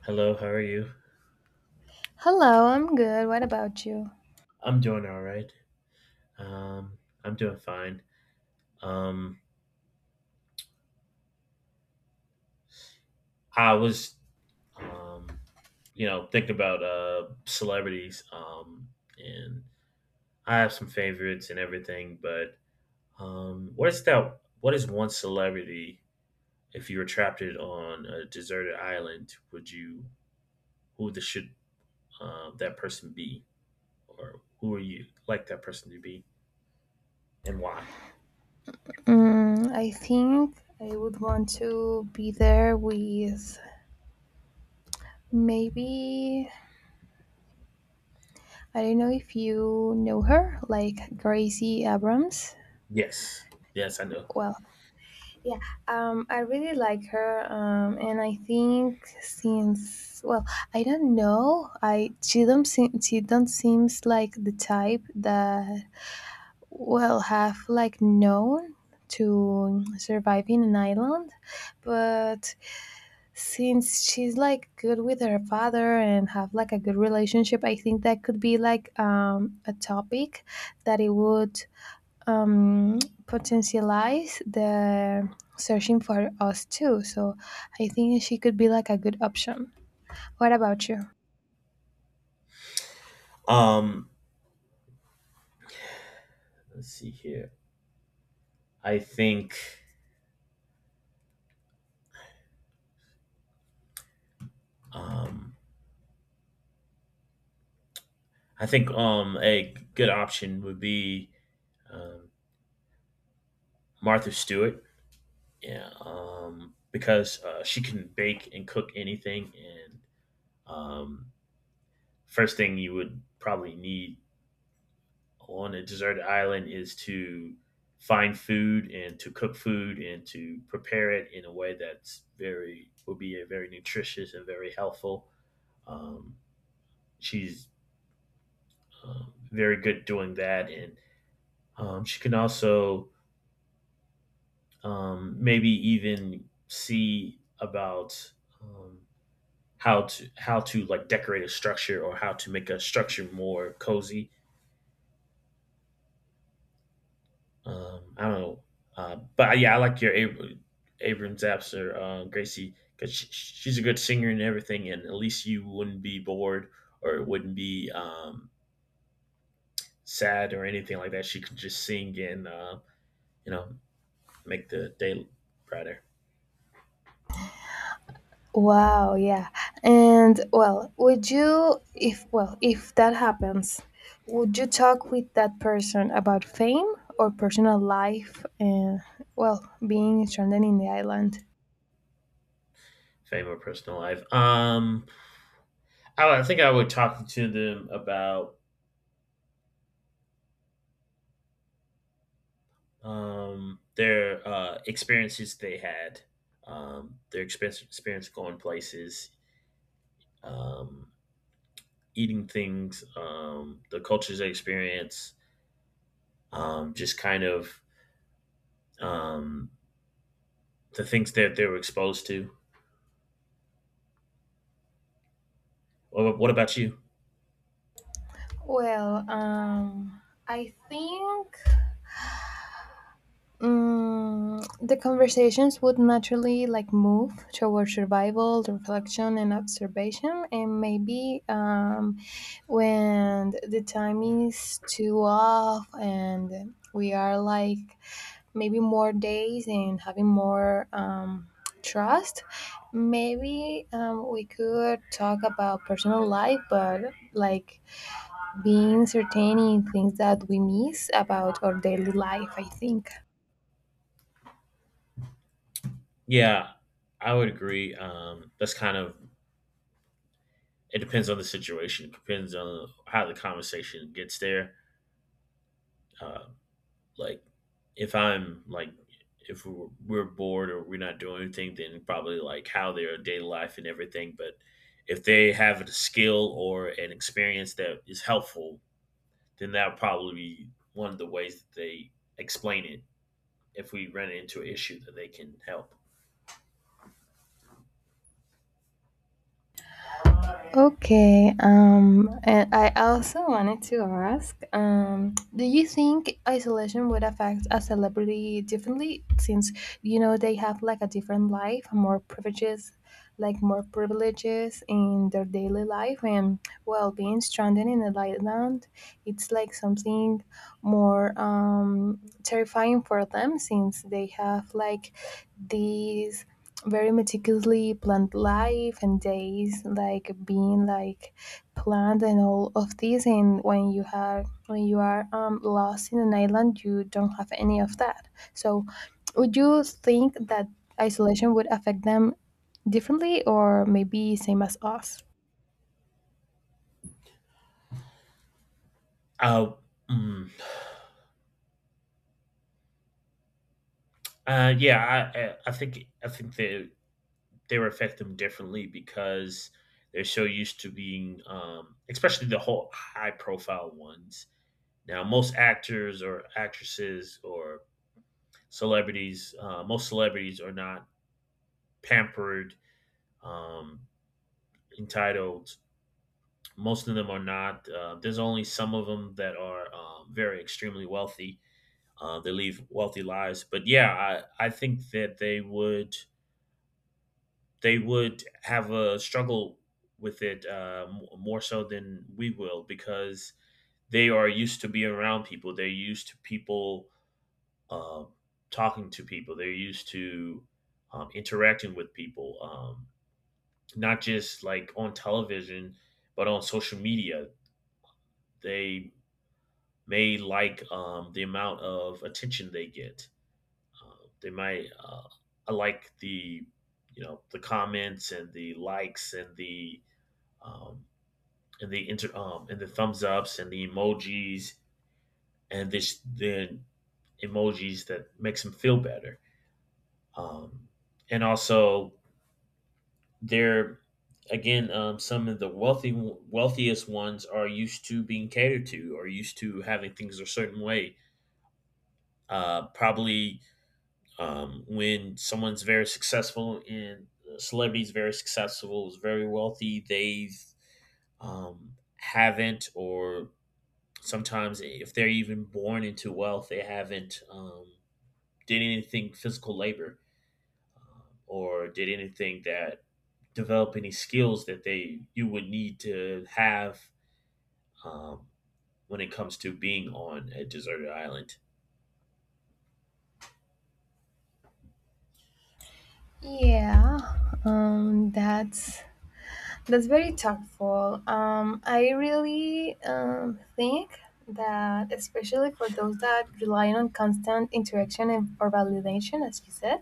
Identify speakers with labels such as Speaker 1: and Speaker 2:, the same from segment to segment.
Speaker 1: Hello, how are you?
Speaker 2: Hello, I'm good. What about you?
Speaker 1: I'm doing all right. Um, I'm doing fine. Um, I was, um, thinking about celebrities. And I have some favorites and everything, but what is that? What is one celebrity? If you were trapped it on a deserted island, would you? Should that person be, or who are you like that person to be, and why?
Speaker 2: I think I would want to be there with maybe, I don't know if you know her, like Gracie Abrams.
Speaker 1: Yes, yes, I know.
Speaker 2: Well, yeah, I really like her, and I think since well, I don't know, I she don't seem she don't seems like the type that will have like known to survive in an island, but since she's like good with her father and have like a good relationship. I think that could be like a topic that it would, um, potentialize the searching for us too. So I think she could be like a good option. What about you?
Speaker 1: Um, let's see here. I think um, I think a good option would be um, Martha Stewart. Yeah, because she can bake and cook anything, and um, first thing you would probably need on a deserted island is to find food and to cook food and to prepare it in a way that's very will be a very nutritious and very healthful. Um, she's very good doing that, and she can also maybe even see about um, how to like decorate a structure or how to make a structure more cozy. I don't know, but yeah, I like your Abrams Zapser, Gracie, because she's a good singer and everything, and at least you wouldn't be bored or it wouldn't be sad or anything like that. She could just sing and you know make the day brighter.
Speaker 2: Wow, yeah. And well, would you if well, if that happens, would you talk with that person about fame or personal life and well, being stranded in the island?
Speaker 1: Fame or personal life. I think I would talk to them about their experiences they had, experience going places, um, eating things, the cultures they experience, just kind of um, the things that they were exposed to. What about you?
Speaker 2: Well, I think. The conversations would naturally like move towards survival, reflection, and observation, and maybe when the time is too off and we are like maybe more days and having more trust, maybe we could talk about personal life, but like being certain in things that we miss about our daily life, I think.
Speaker 1: Yeah, I would agree. That's kind of it depends on the situation. It depends on how the conversation gets there. Uh, Like, if I'm like, if we're bored or we're not doing anything, then probably like how their daily life and everything. But if they have a skill or an experience that is helpful, then that would probably be one of the ways that they explain it. If we run into an issue that they can help.
Speaker 2: Okay, and I also wanted to ask, do you think isolation would affect a celebrity differently since you know they have like a different life, more privileges, like more privileges in their daily life and well being stranded in an island, it's like something more terrifying for them since they have like these very meticulously planned life and days like being like planned and all of this. And when you are lost in an island you don't have any of that. So would you think that isolation would affect them differently or maybe same as us?
Speaker 1: Uh, mm, yeah, I think they would affect them differently because they're so used to being, especially the whole high profile ones. Now, most actors or actresses or celebrities, most celebrities are not pampered, um, entitled. Most of them are not. There's only some of them that are very extremely wealthy. They live wealthy lives, but yeah, I think that they would have a struggle with it more so than we will because they are used to being around people. They're used to people uh, talking to people. They're used to interacting with people, not just like on television, but on social media. They may like the amount of attention they get. They might I like the the comments and the likes um, and the inter and the thumbs ups and the emojis and this then emojis that makes them feel better. Um, and also they're again some of the wealthy wealthiest ones are used to being catered to or used to having things a certain way probably when someone's very successful and a celebrity's very successful is very wealthy they've haven't or sometimes if they're even born into wealth they haven't did anything physical labor or did anything that develop any skills that they you would need to have um, when it comes to being on a deserted island.
Speaker 2: Yeah, that's. That's very thoughtful. I really think that, especially for those that rely on constant interaction and, or validation, as you said,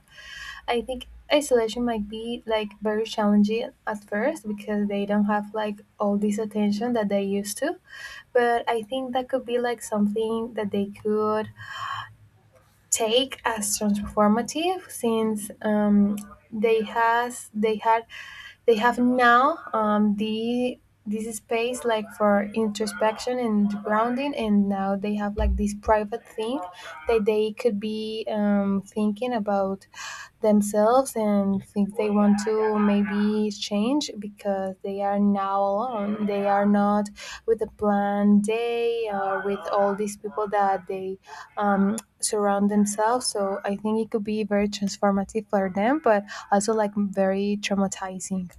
Speaker 2: I think isolation might be like very challenging at first because they don't have like all this attention that they used to. But I think that could be like something that they could take as transformative since they has they had they have now the this space like for introspection and grounding. And now they have like this private thing that they could be thinking about themselves and think they want to maybe change because they are now alone. They are not with a planned day or with all these people that they um, surround themselves. So I think it could be very transformative for them, but also like very traumatizing.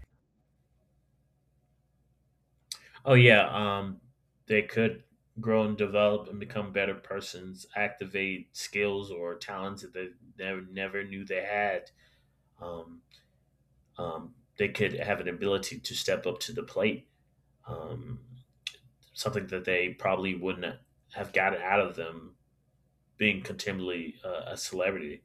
Speaker 1: Oh yeah, they could grow and develop and become better persons, activate skills or talents that they never, never knew they had. Um, they could have an ability to step up to the plate, um, something that they probably wouldn't have gotten out of them being continually a celebrity.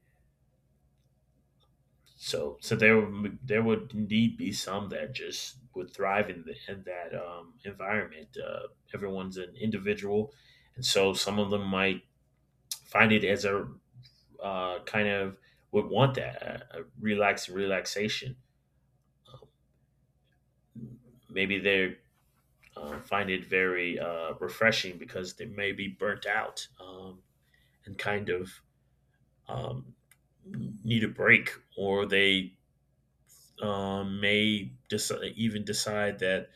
Speaker 1: So there would indeed be some that just would thrive in, in that environment. Everyone's an individual, and so some of them might find it as a kind of would want that a relaxation. Maybe they find it very refreshing because they may be burnt out and kind of um, need a break, or they even decide that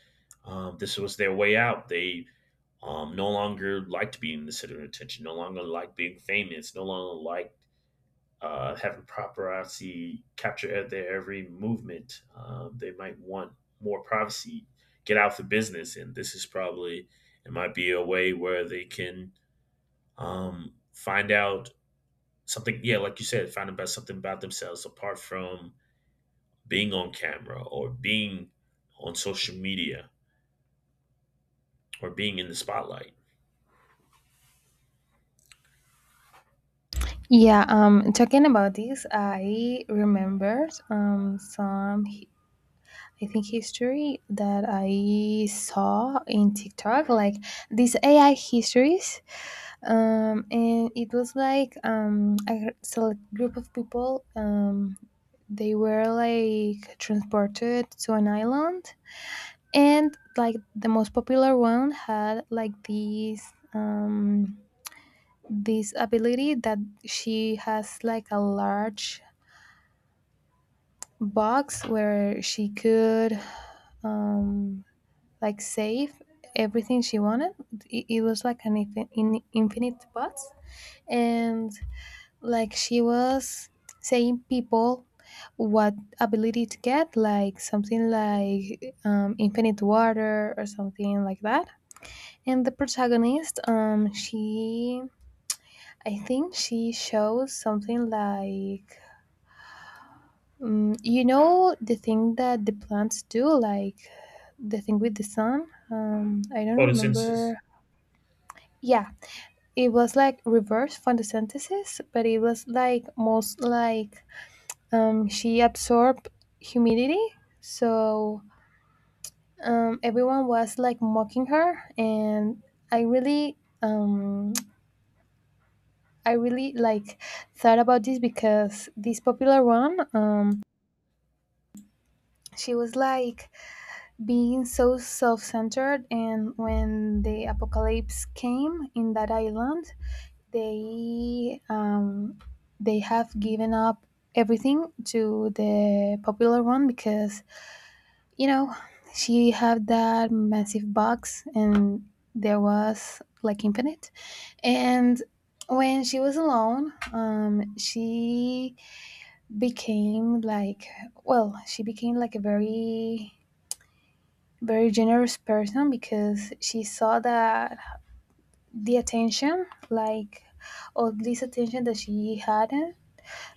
Speaker 1: this was their way out. They no longer liked being the center of attention, no longer liked being famous, no longer liked having paparazzi capture at their every movement. They might want more privacy, get out for business, and this is probably it might be a way where they can find out something. Yeah, like you said, find out something about themselves apart from being on camera or being on social media or being in the spotlight.
Speaker 2: Yeah, talking about this, I remembered some, I think, history that I saw in TikTok, like these AI histories. And it was like a select group of people, they were like transported to an island. And like the most popular one had like this this ability that she has like a large box where she could um like save everything she wanted. It was like an infinite box. And like she was saying people what ability to get like something like infinite water or something like that. And the protagonist, she, I think she shows something like, you know, the thing that the plants do, like the thing with the sun. I don't
Speaker 1: Photosynthesis.
Speaker 2: remember. Yeah, it was like reverse photosynthesis, but it was like most like she absorbed humidity. So everyone was like mocking her. And I really um, I really like thought about this because this popular one, she was like being so self-centered, and when the apocalypse came in that island, they um, they have given up everything to the popular one because you know she had that massive box and there was like infinite. And when she was alone she became like well she became like a very very generous person because she saw that the attention like all this attention that she had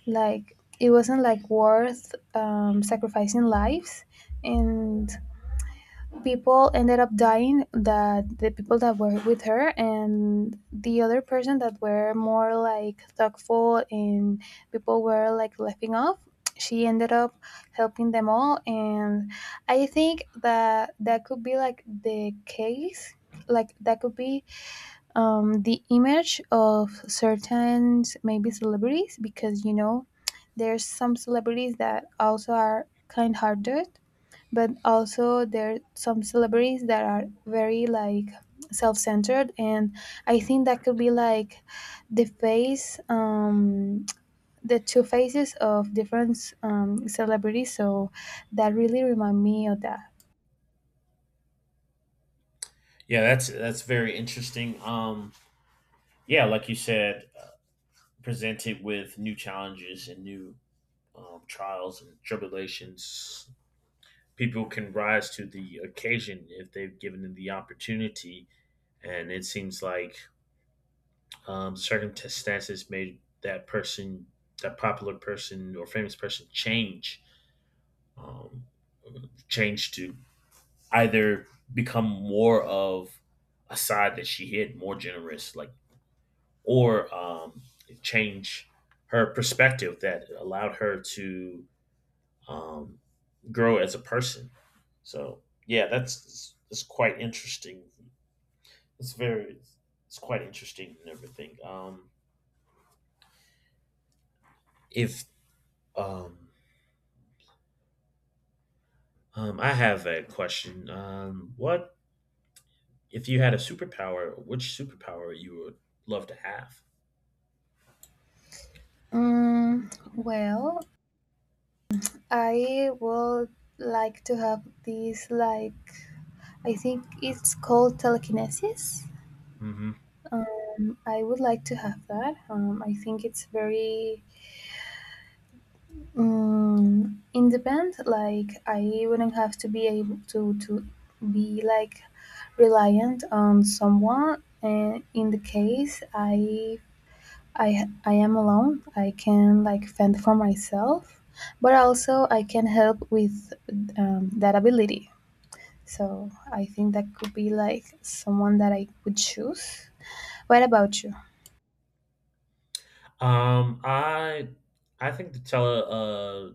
Speaker 2: like it wasn't like worth sacrificing lives. And people ended up dying, that the people that were with her and the other person that were more like thoughtful and people were like laughing off, she ended up helping them all. And I think that that could be like the case, like that could be the image of certain maybe celebrities, because you know there's some celebrities that also are kind-hearted but also there are some celebrities that are very like self-centered. And I think that could be like the face the two faces of different celebrities. So that really remind me of that.
Speaker 1: Yeah, that's very interesting. Yeah, like you said, presented with new challenges and new trials and tribulations. People can rise to the occasion if they've given them the opportunity, and it seems like circumstances made that person, that popular person or famous person, change, um, change to either become more of a side that she hid, more generous, like, or change her perspective that allowed her to um, grow as a person. So yeah, that's it's quite interesting. It's very it's quite interesting and everything. If um, I have a question, what if you had a superpower? Which superpower you would love to have?
Speaker 2: Well I would like to have this like I think it's called telekinesis.
Speaker 1: Hmm.
Speaker 2: I would like to have that. I think it's very. In the band, like I wouldn't have to be able to be like reliant on someone. And in the case I am alone, I can like fend for myself, but also I can help with that ability. So I think that could be like someone that I would choose. What about you?
Speaker 1: Um, I I think the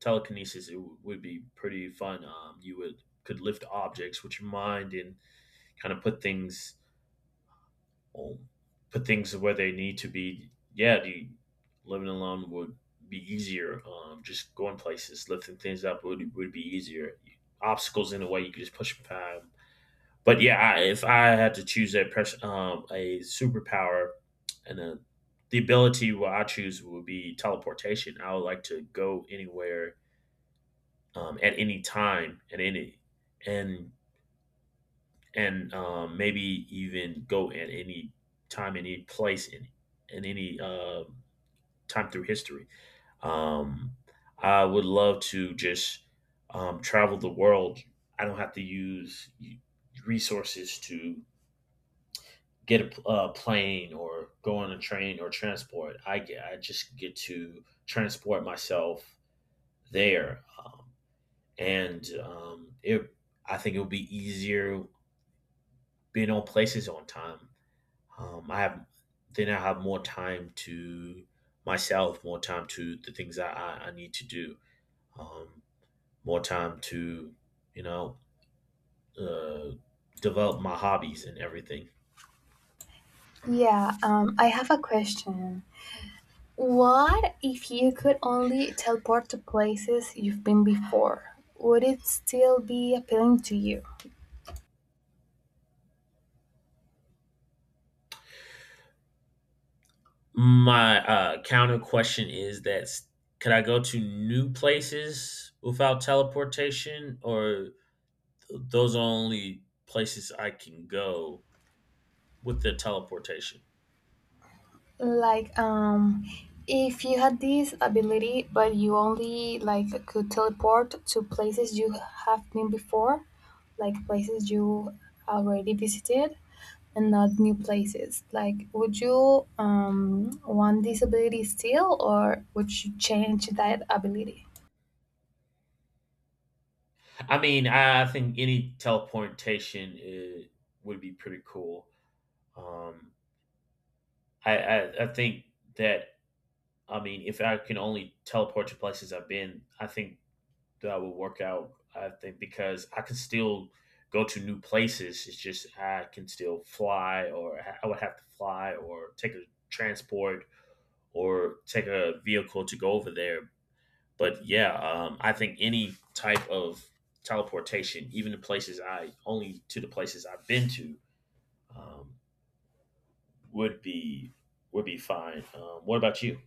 Speaker 1: telekinesis would be pretty fun. You would could lift objects with your mind and kind of put things um, where they need to be. Yeah, the living alone would be easier. Just going places, lifting things up would be easier. Obstacles in the way you could just push them but yeah, if I had to choose a superpower and a, the ability, what I choose would be teleportation. I would like to go anywhere at any time, at any and and maybe even go at any time, any place, in any time through history. Um, I would love to just travel the world. I don't have to use resources to get a plane or go on a train or transport. I just get to transport myself there, and it. I think it would be easier being on places on time. Um, I have I have more time to myself, more time to the things I need to do, um, more time to you know uh, develop my hobbies and everything.
Speaker 2: Yeah, I have a question. What if you could only teleport to places you've been before? Would it still be appealing to you?
Speaker 1: My counter question is could I go to new places without teleportation, or those are only places I can go with the teleportation?
Speaker 2: Like, if you had this ability, but you only like could teleport to places you have been before, like places you already visited, and not new places. Like, would you want this ability still, or would you change that ability?
Speaker 1: I mean, I think any teleportation I would be pretty cool. Um, I think that I mean, if I can only teleport to places I've been, I think that would work out. I think because I can still go to new places. It's just I can still fly, or I would have to fly, or take a transport, or take a vehicle to go over there. But yeah, I think any type of teleportation, even the places I only to the places I've been to, um, would be fine. What about you?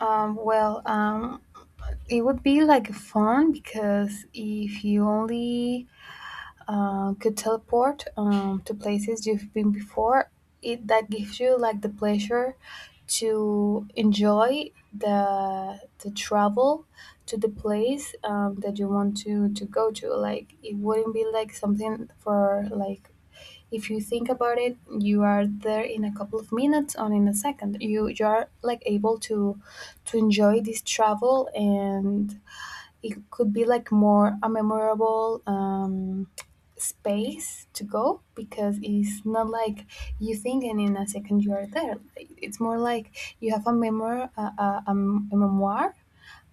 Speaker 2: Well, it would be like fun because if you only could teleport to places you've been before, it that gives you like the pleasure to enjoy the travel to the place that you want to go to. Like it wouldn't be like something for like if you think about it, you are there in a couple of minutes or in a second. You are like able to enjoy this travel. And it could be like more a memorable space to go because it's not like you think and in a second you are there. It's more like you have a memoir, a memoir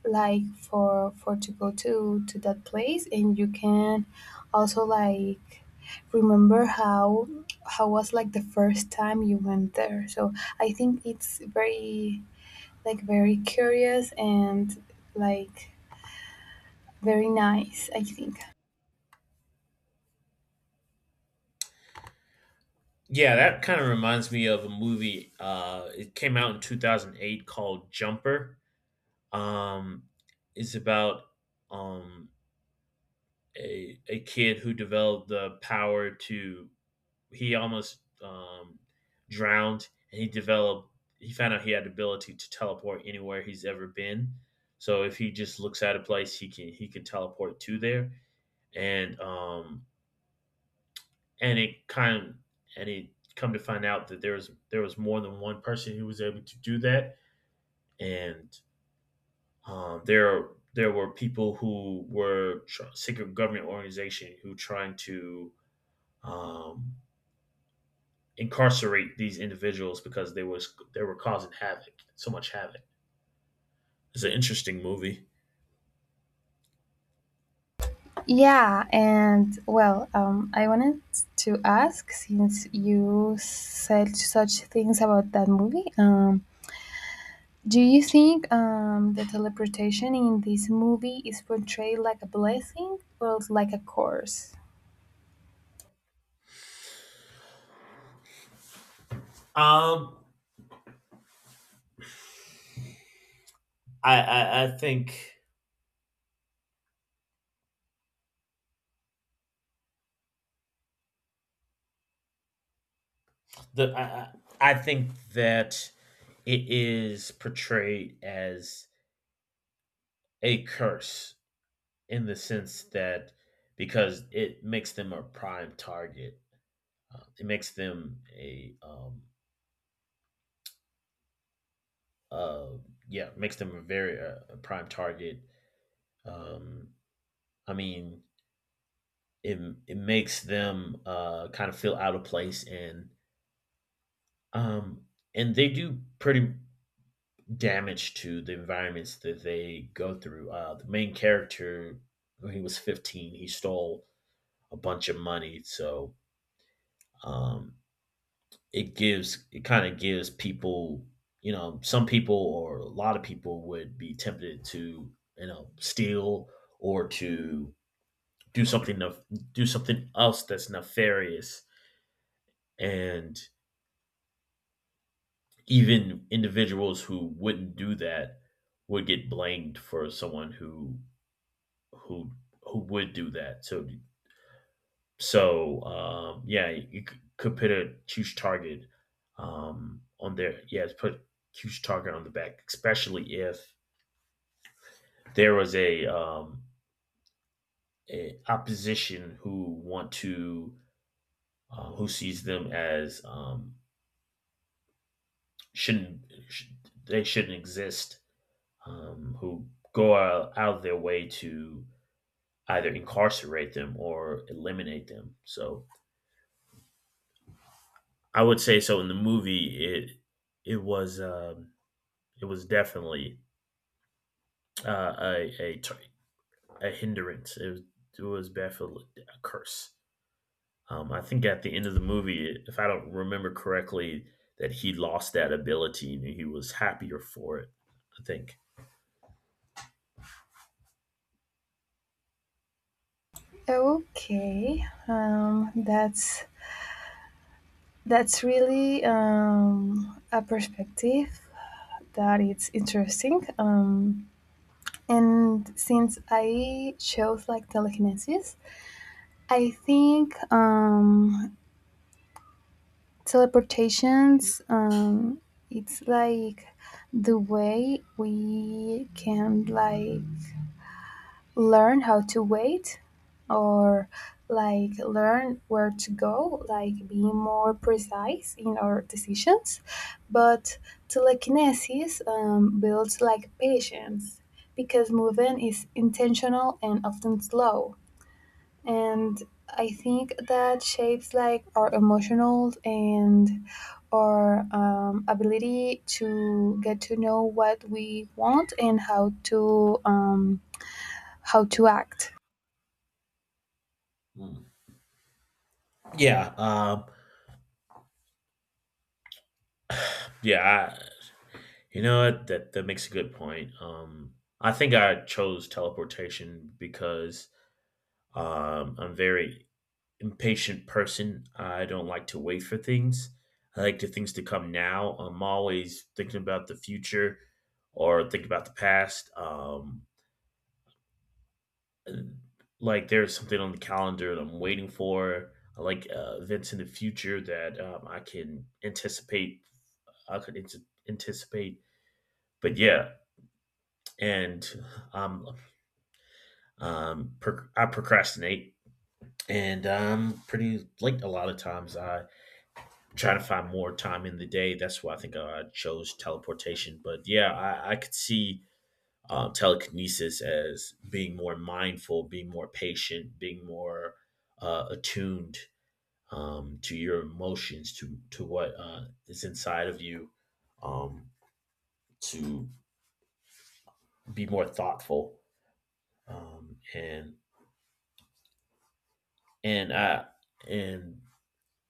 Speaker 2: like for to go to that place. And you can also like remember how was like the first time you went there. So I think it's very like very curious and like very nice I think.
Speaker 1: Yeah, that kind of reminds me of a movie. It came out in 2008 called Jumper. Um, it's about um, a kid who developed the power to. He almost drowned, and he developed. He found out he had the ability to teleport anywhere he's ever been. So if he just looks at a place, he can teleport to there. And um, and it kind and it come to find out that there was more than one person who was able to do that. And there were people who were secret government organization who trying to um, incarcerate these individuals because they were causing havoc, so much havoc. It's an interesting movie.
Speaker 2: Yeah, and well, I wanted to ask since you said such things about that movie, do you think the teleportation in this movie is portrayed like a blessing or like a curse?
Speaker 1: Um, I think the I think that it is portrayed as a curse in the sense that because it makes them a prime target, it makes them a uh, yeah, makes them a very a prime target. Um, I mean, it it makes them kind of feel out of place, um, and they do pretty damage to the environments that they go through. The main character, when he was 15, he stole a bunch of money, so um, it gives it kind of gives people. You know, some people or a lot of people would be tempted to, steal or to do something of do something else that's nefarious and even individuals who wouldn't do that would get blamed for someone who who would do that, so yeah, could put a huge target on their yeah put a huge target on the back, especially if there was a opposition who want to, who sees them as shouldn't sh- they shouldn't exist, who go out of their way to either incarcerate them or eliminate them. So I would say, so in the movie it was, it was definitely a a hindrance. It was definitely a curse. I think at the end of the movie, if I don't remember correctly, that he lost that ability and he was happier for it, I think.
Speaker 2: Okay, that's really a perspective that it's interesting. And since I chose like telekinesis, I think teleportations. It's like the way we can like learn how to wait, or like learn where to go, like be more precise in our decisions. But telekinesis builds like patience because movement is intentional and often slow. And I think that shapes like our emotional and our ability to get to know what we want and how to act.
Speaker 1: Mm. Yeah. Yeah. You know what? That makes a good point. I think I chose teleportation because I'm a very impatient person. I don't like to wait for things. I like to things to come now. I'm always thinking about the future or thinking about the past. Like there's something on the calendar that I'm waiting for. I like events in the future that I can anticipate. I could ant- anticipate. But yeah, and I'm I procrastinate and I'm pretty late a lot of times. I try to find more time in the day. That's why I think I chose teleportation. But yeah, I could see telekinesis as being more mindful, being more patient, being more attuned, to your emotions, to what is inside of you, um, to be more thoughtful, um, and and I and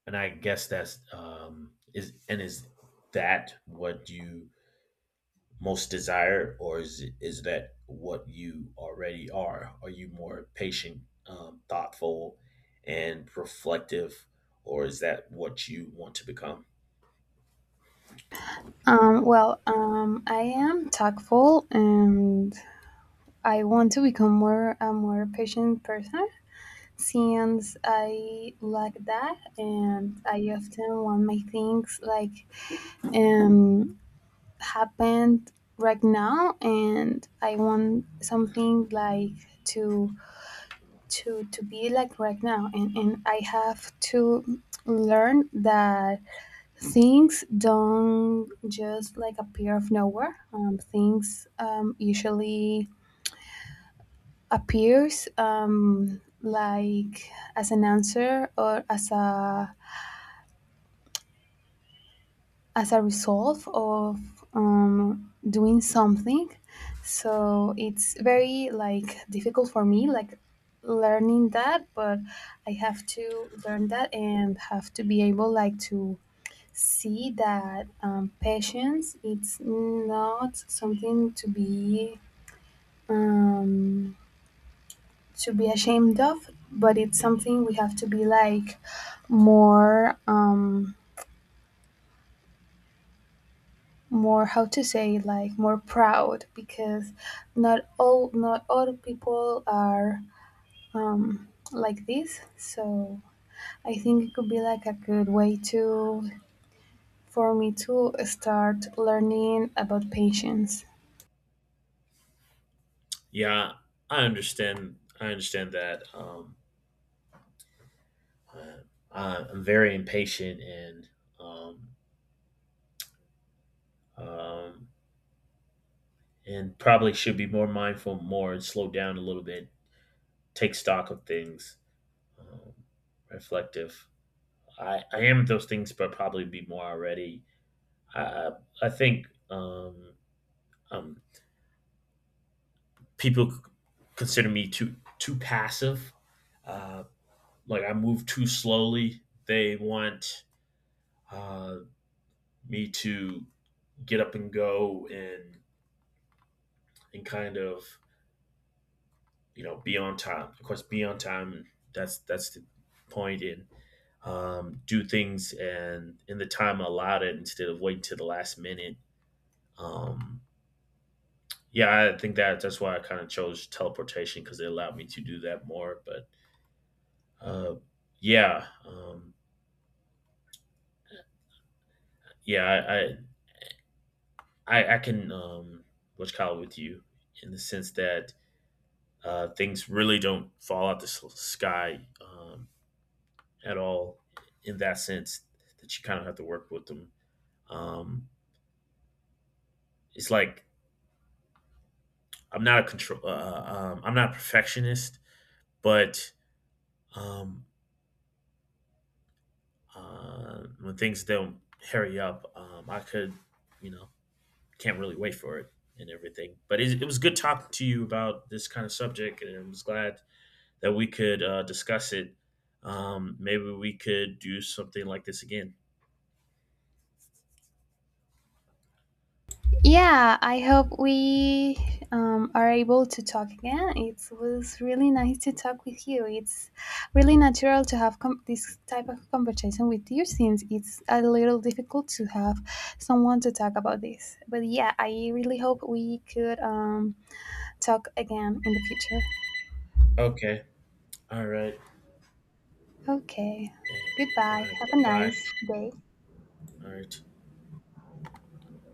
Speaker 1: and I guess that's is and is that, what you most desire, or is that what you already are? Are you more patient, thoughtful, and reflective, or is that what you want to become?
Speaker 2: Well, I am tactful and I want to become more a more patient person since I like that and I often want my things like um, happened right now. And I want something like to be like right now. And I have to learn that things don't just like appear of nowhere. Things usually appears like as an answer or as a resolve of doing something. So it's very like difficult for me, like learning that, but I have to learn that and have to be able like to see that patience it's not something um, to be ashamed of, but it's something we have to be like more more how to say like more proud because not all people are like this. So I think it could be like a good way to for me to start learning about patience.
Speaker 1: Yeah, I understand. I understand that. I, I'm very impatient um, um, and probably should be more mindful, more, and slow down a little bit, take stock of things, um, reflective. I am those things, but probably be more already. I I think, um, people consider me too passive. Uh, like I move too slowly. They want uh, me to get up and go, and kind of, you know, be on time. Of course, be on time. That's the point in, do things and in the time allotted instead of waiting to the last minute. Um, Yeah, I think that that's why I kind of chose teleportation because it allowed me to do that more. But uh, yeah, um, yeah, I can, what's called, with you, in the sense that things really don't fall out the sky, at all. In that sense, that you kind of have to work with them. Um, it's like I'm not a control. I'm not a perfectionist, but um, when things don't hurry up, I could, you know, can't really wait for it and everything. But it was good talking to you about this kind of subject, and I was glad that we could discuss it. Maybe we could do something like this again.
Speaker 2: Yeah, I hope we are able to talk again. It was really nice to talk with you. It's really natural to have this type of conversation with you since it's a little difficult to have someone to talk about this. But yeah, I really hope we could talk again in the future.
Speaker 1: Okay. All right.
Speaker 2: Okay,
Speaker 1: All
Speaker 2: goodbye.
Speaker 1: right.
Speaker 2: Have a
Speaker 1: Bye.
Speaker 2: nice day.
Speaker 1: All right.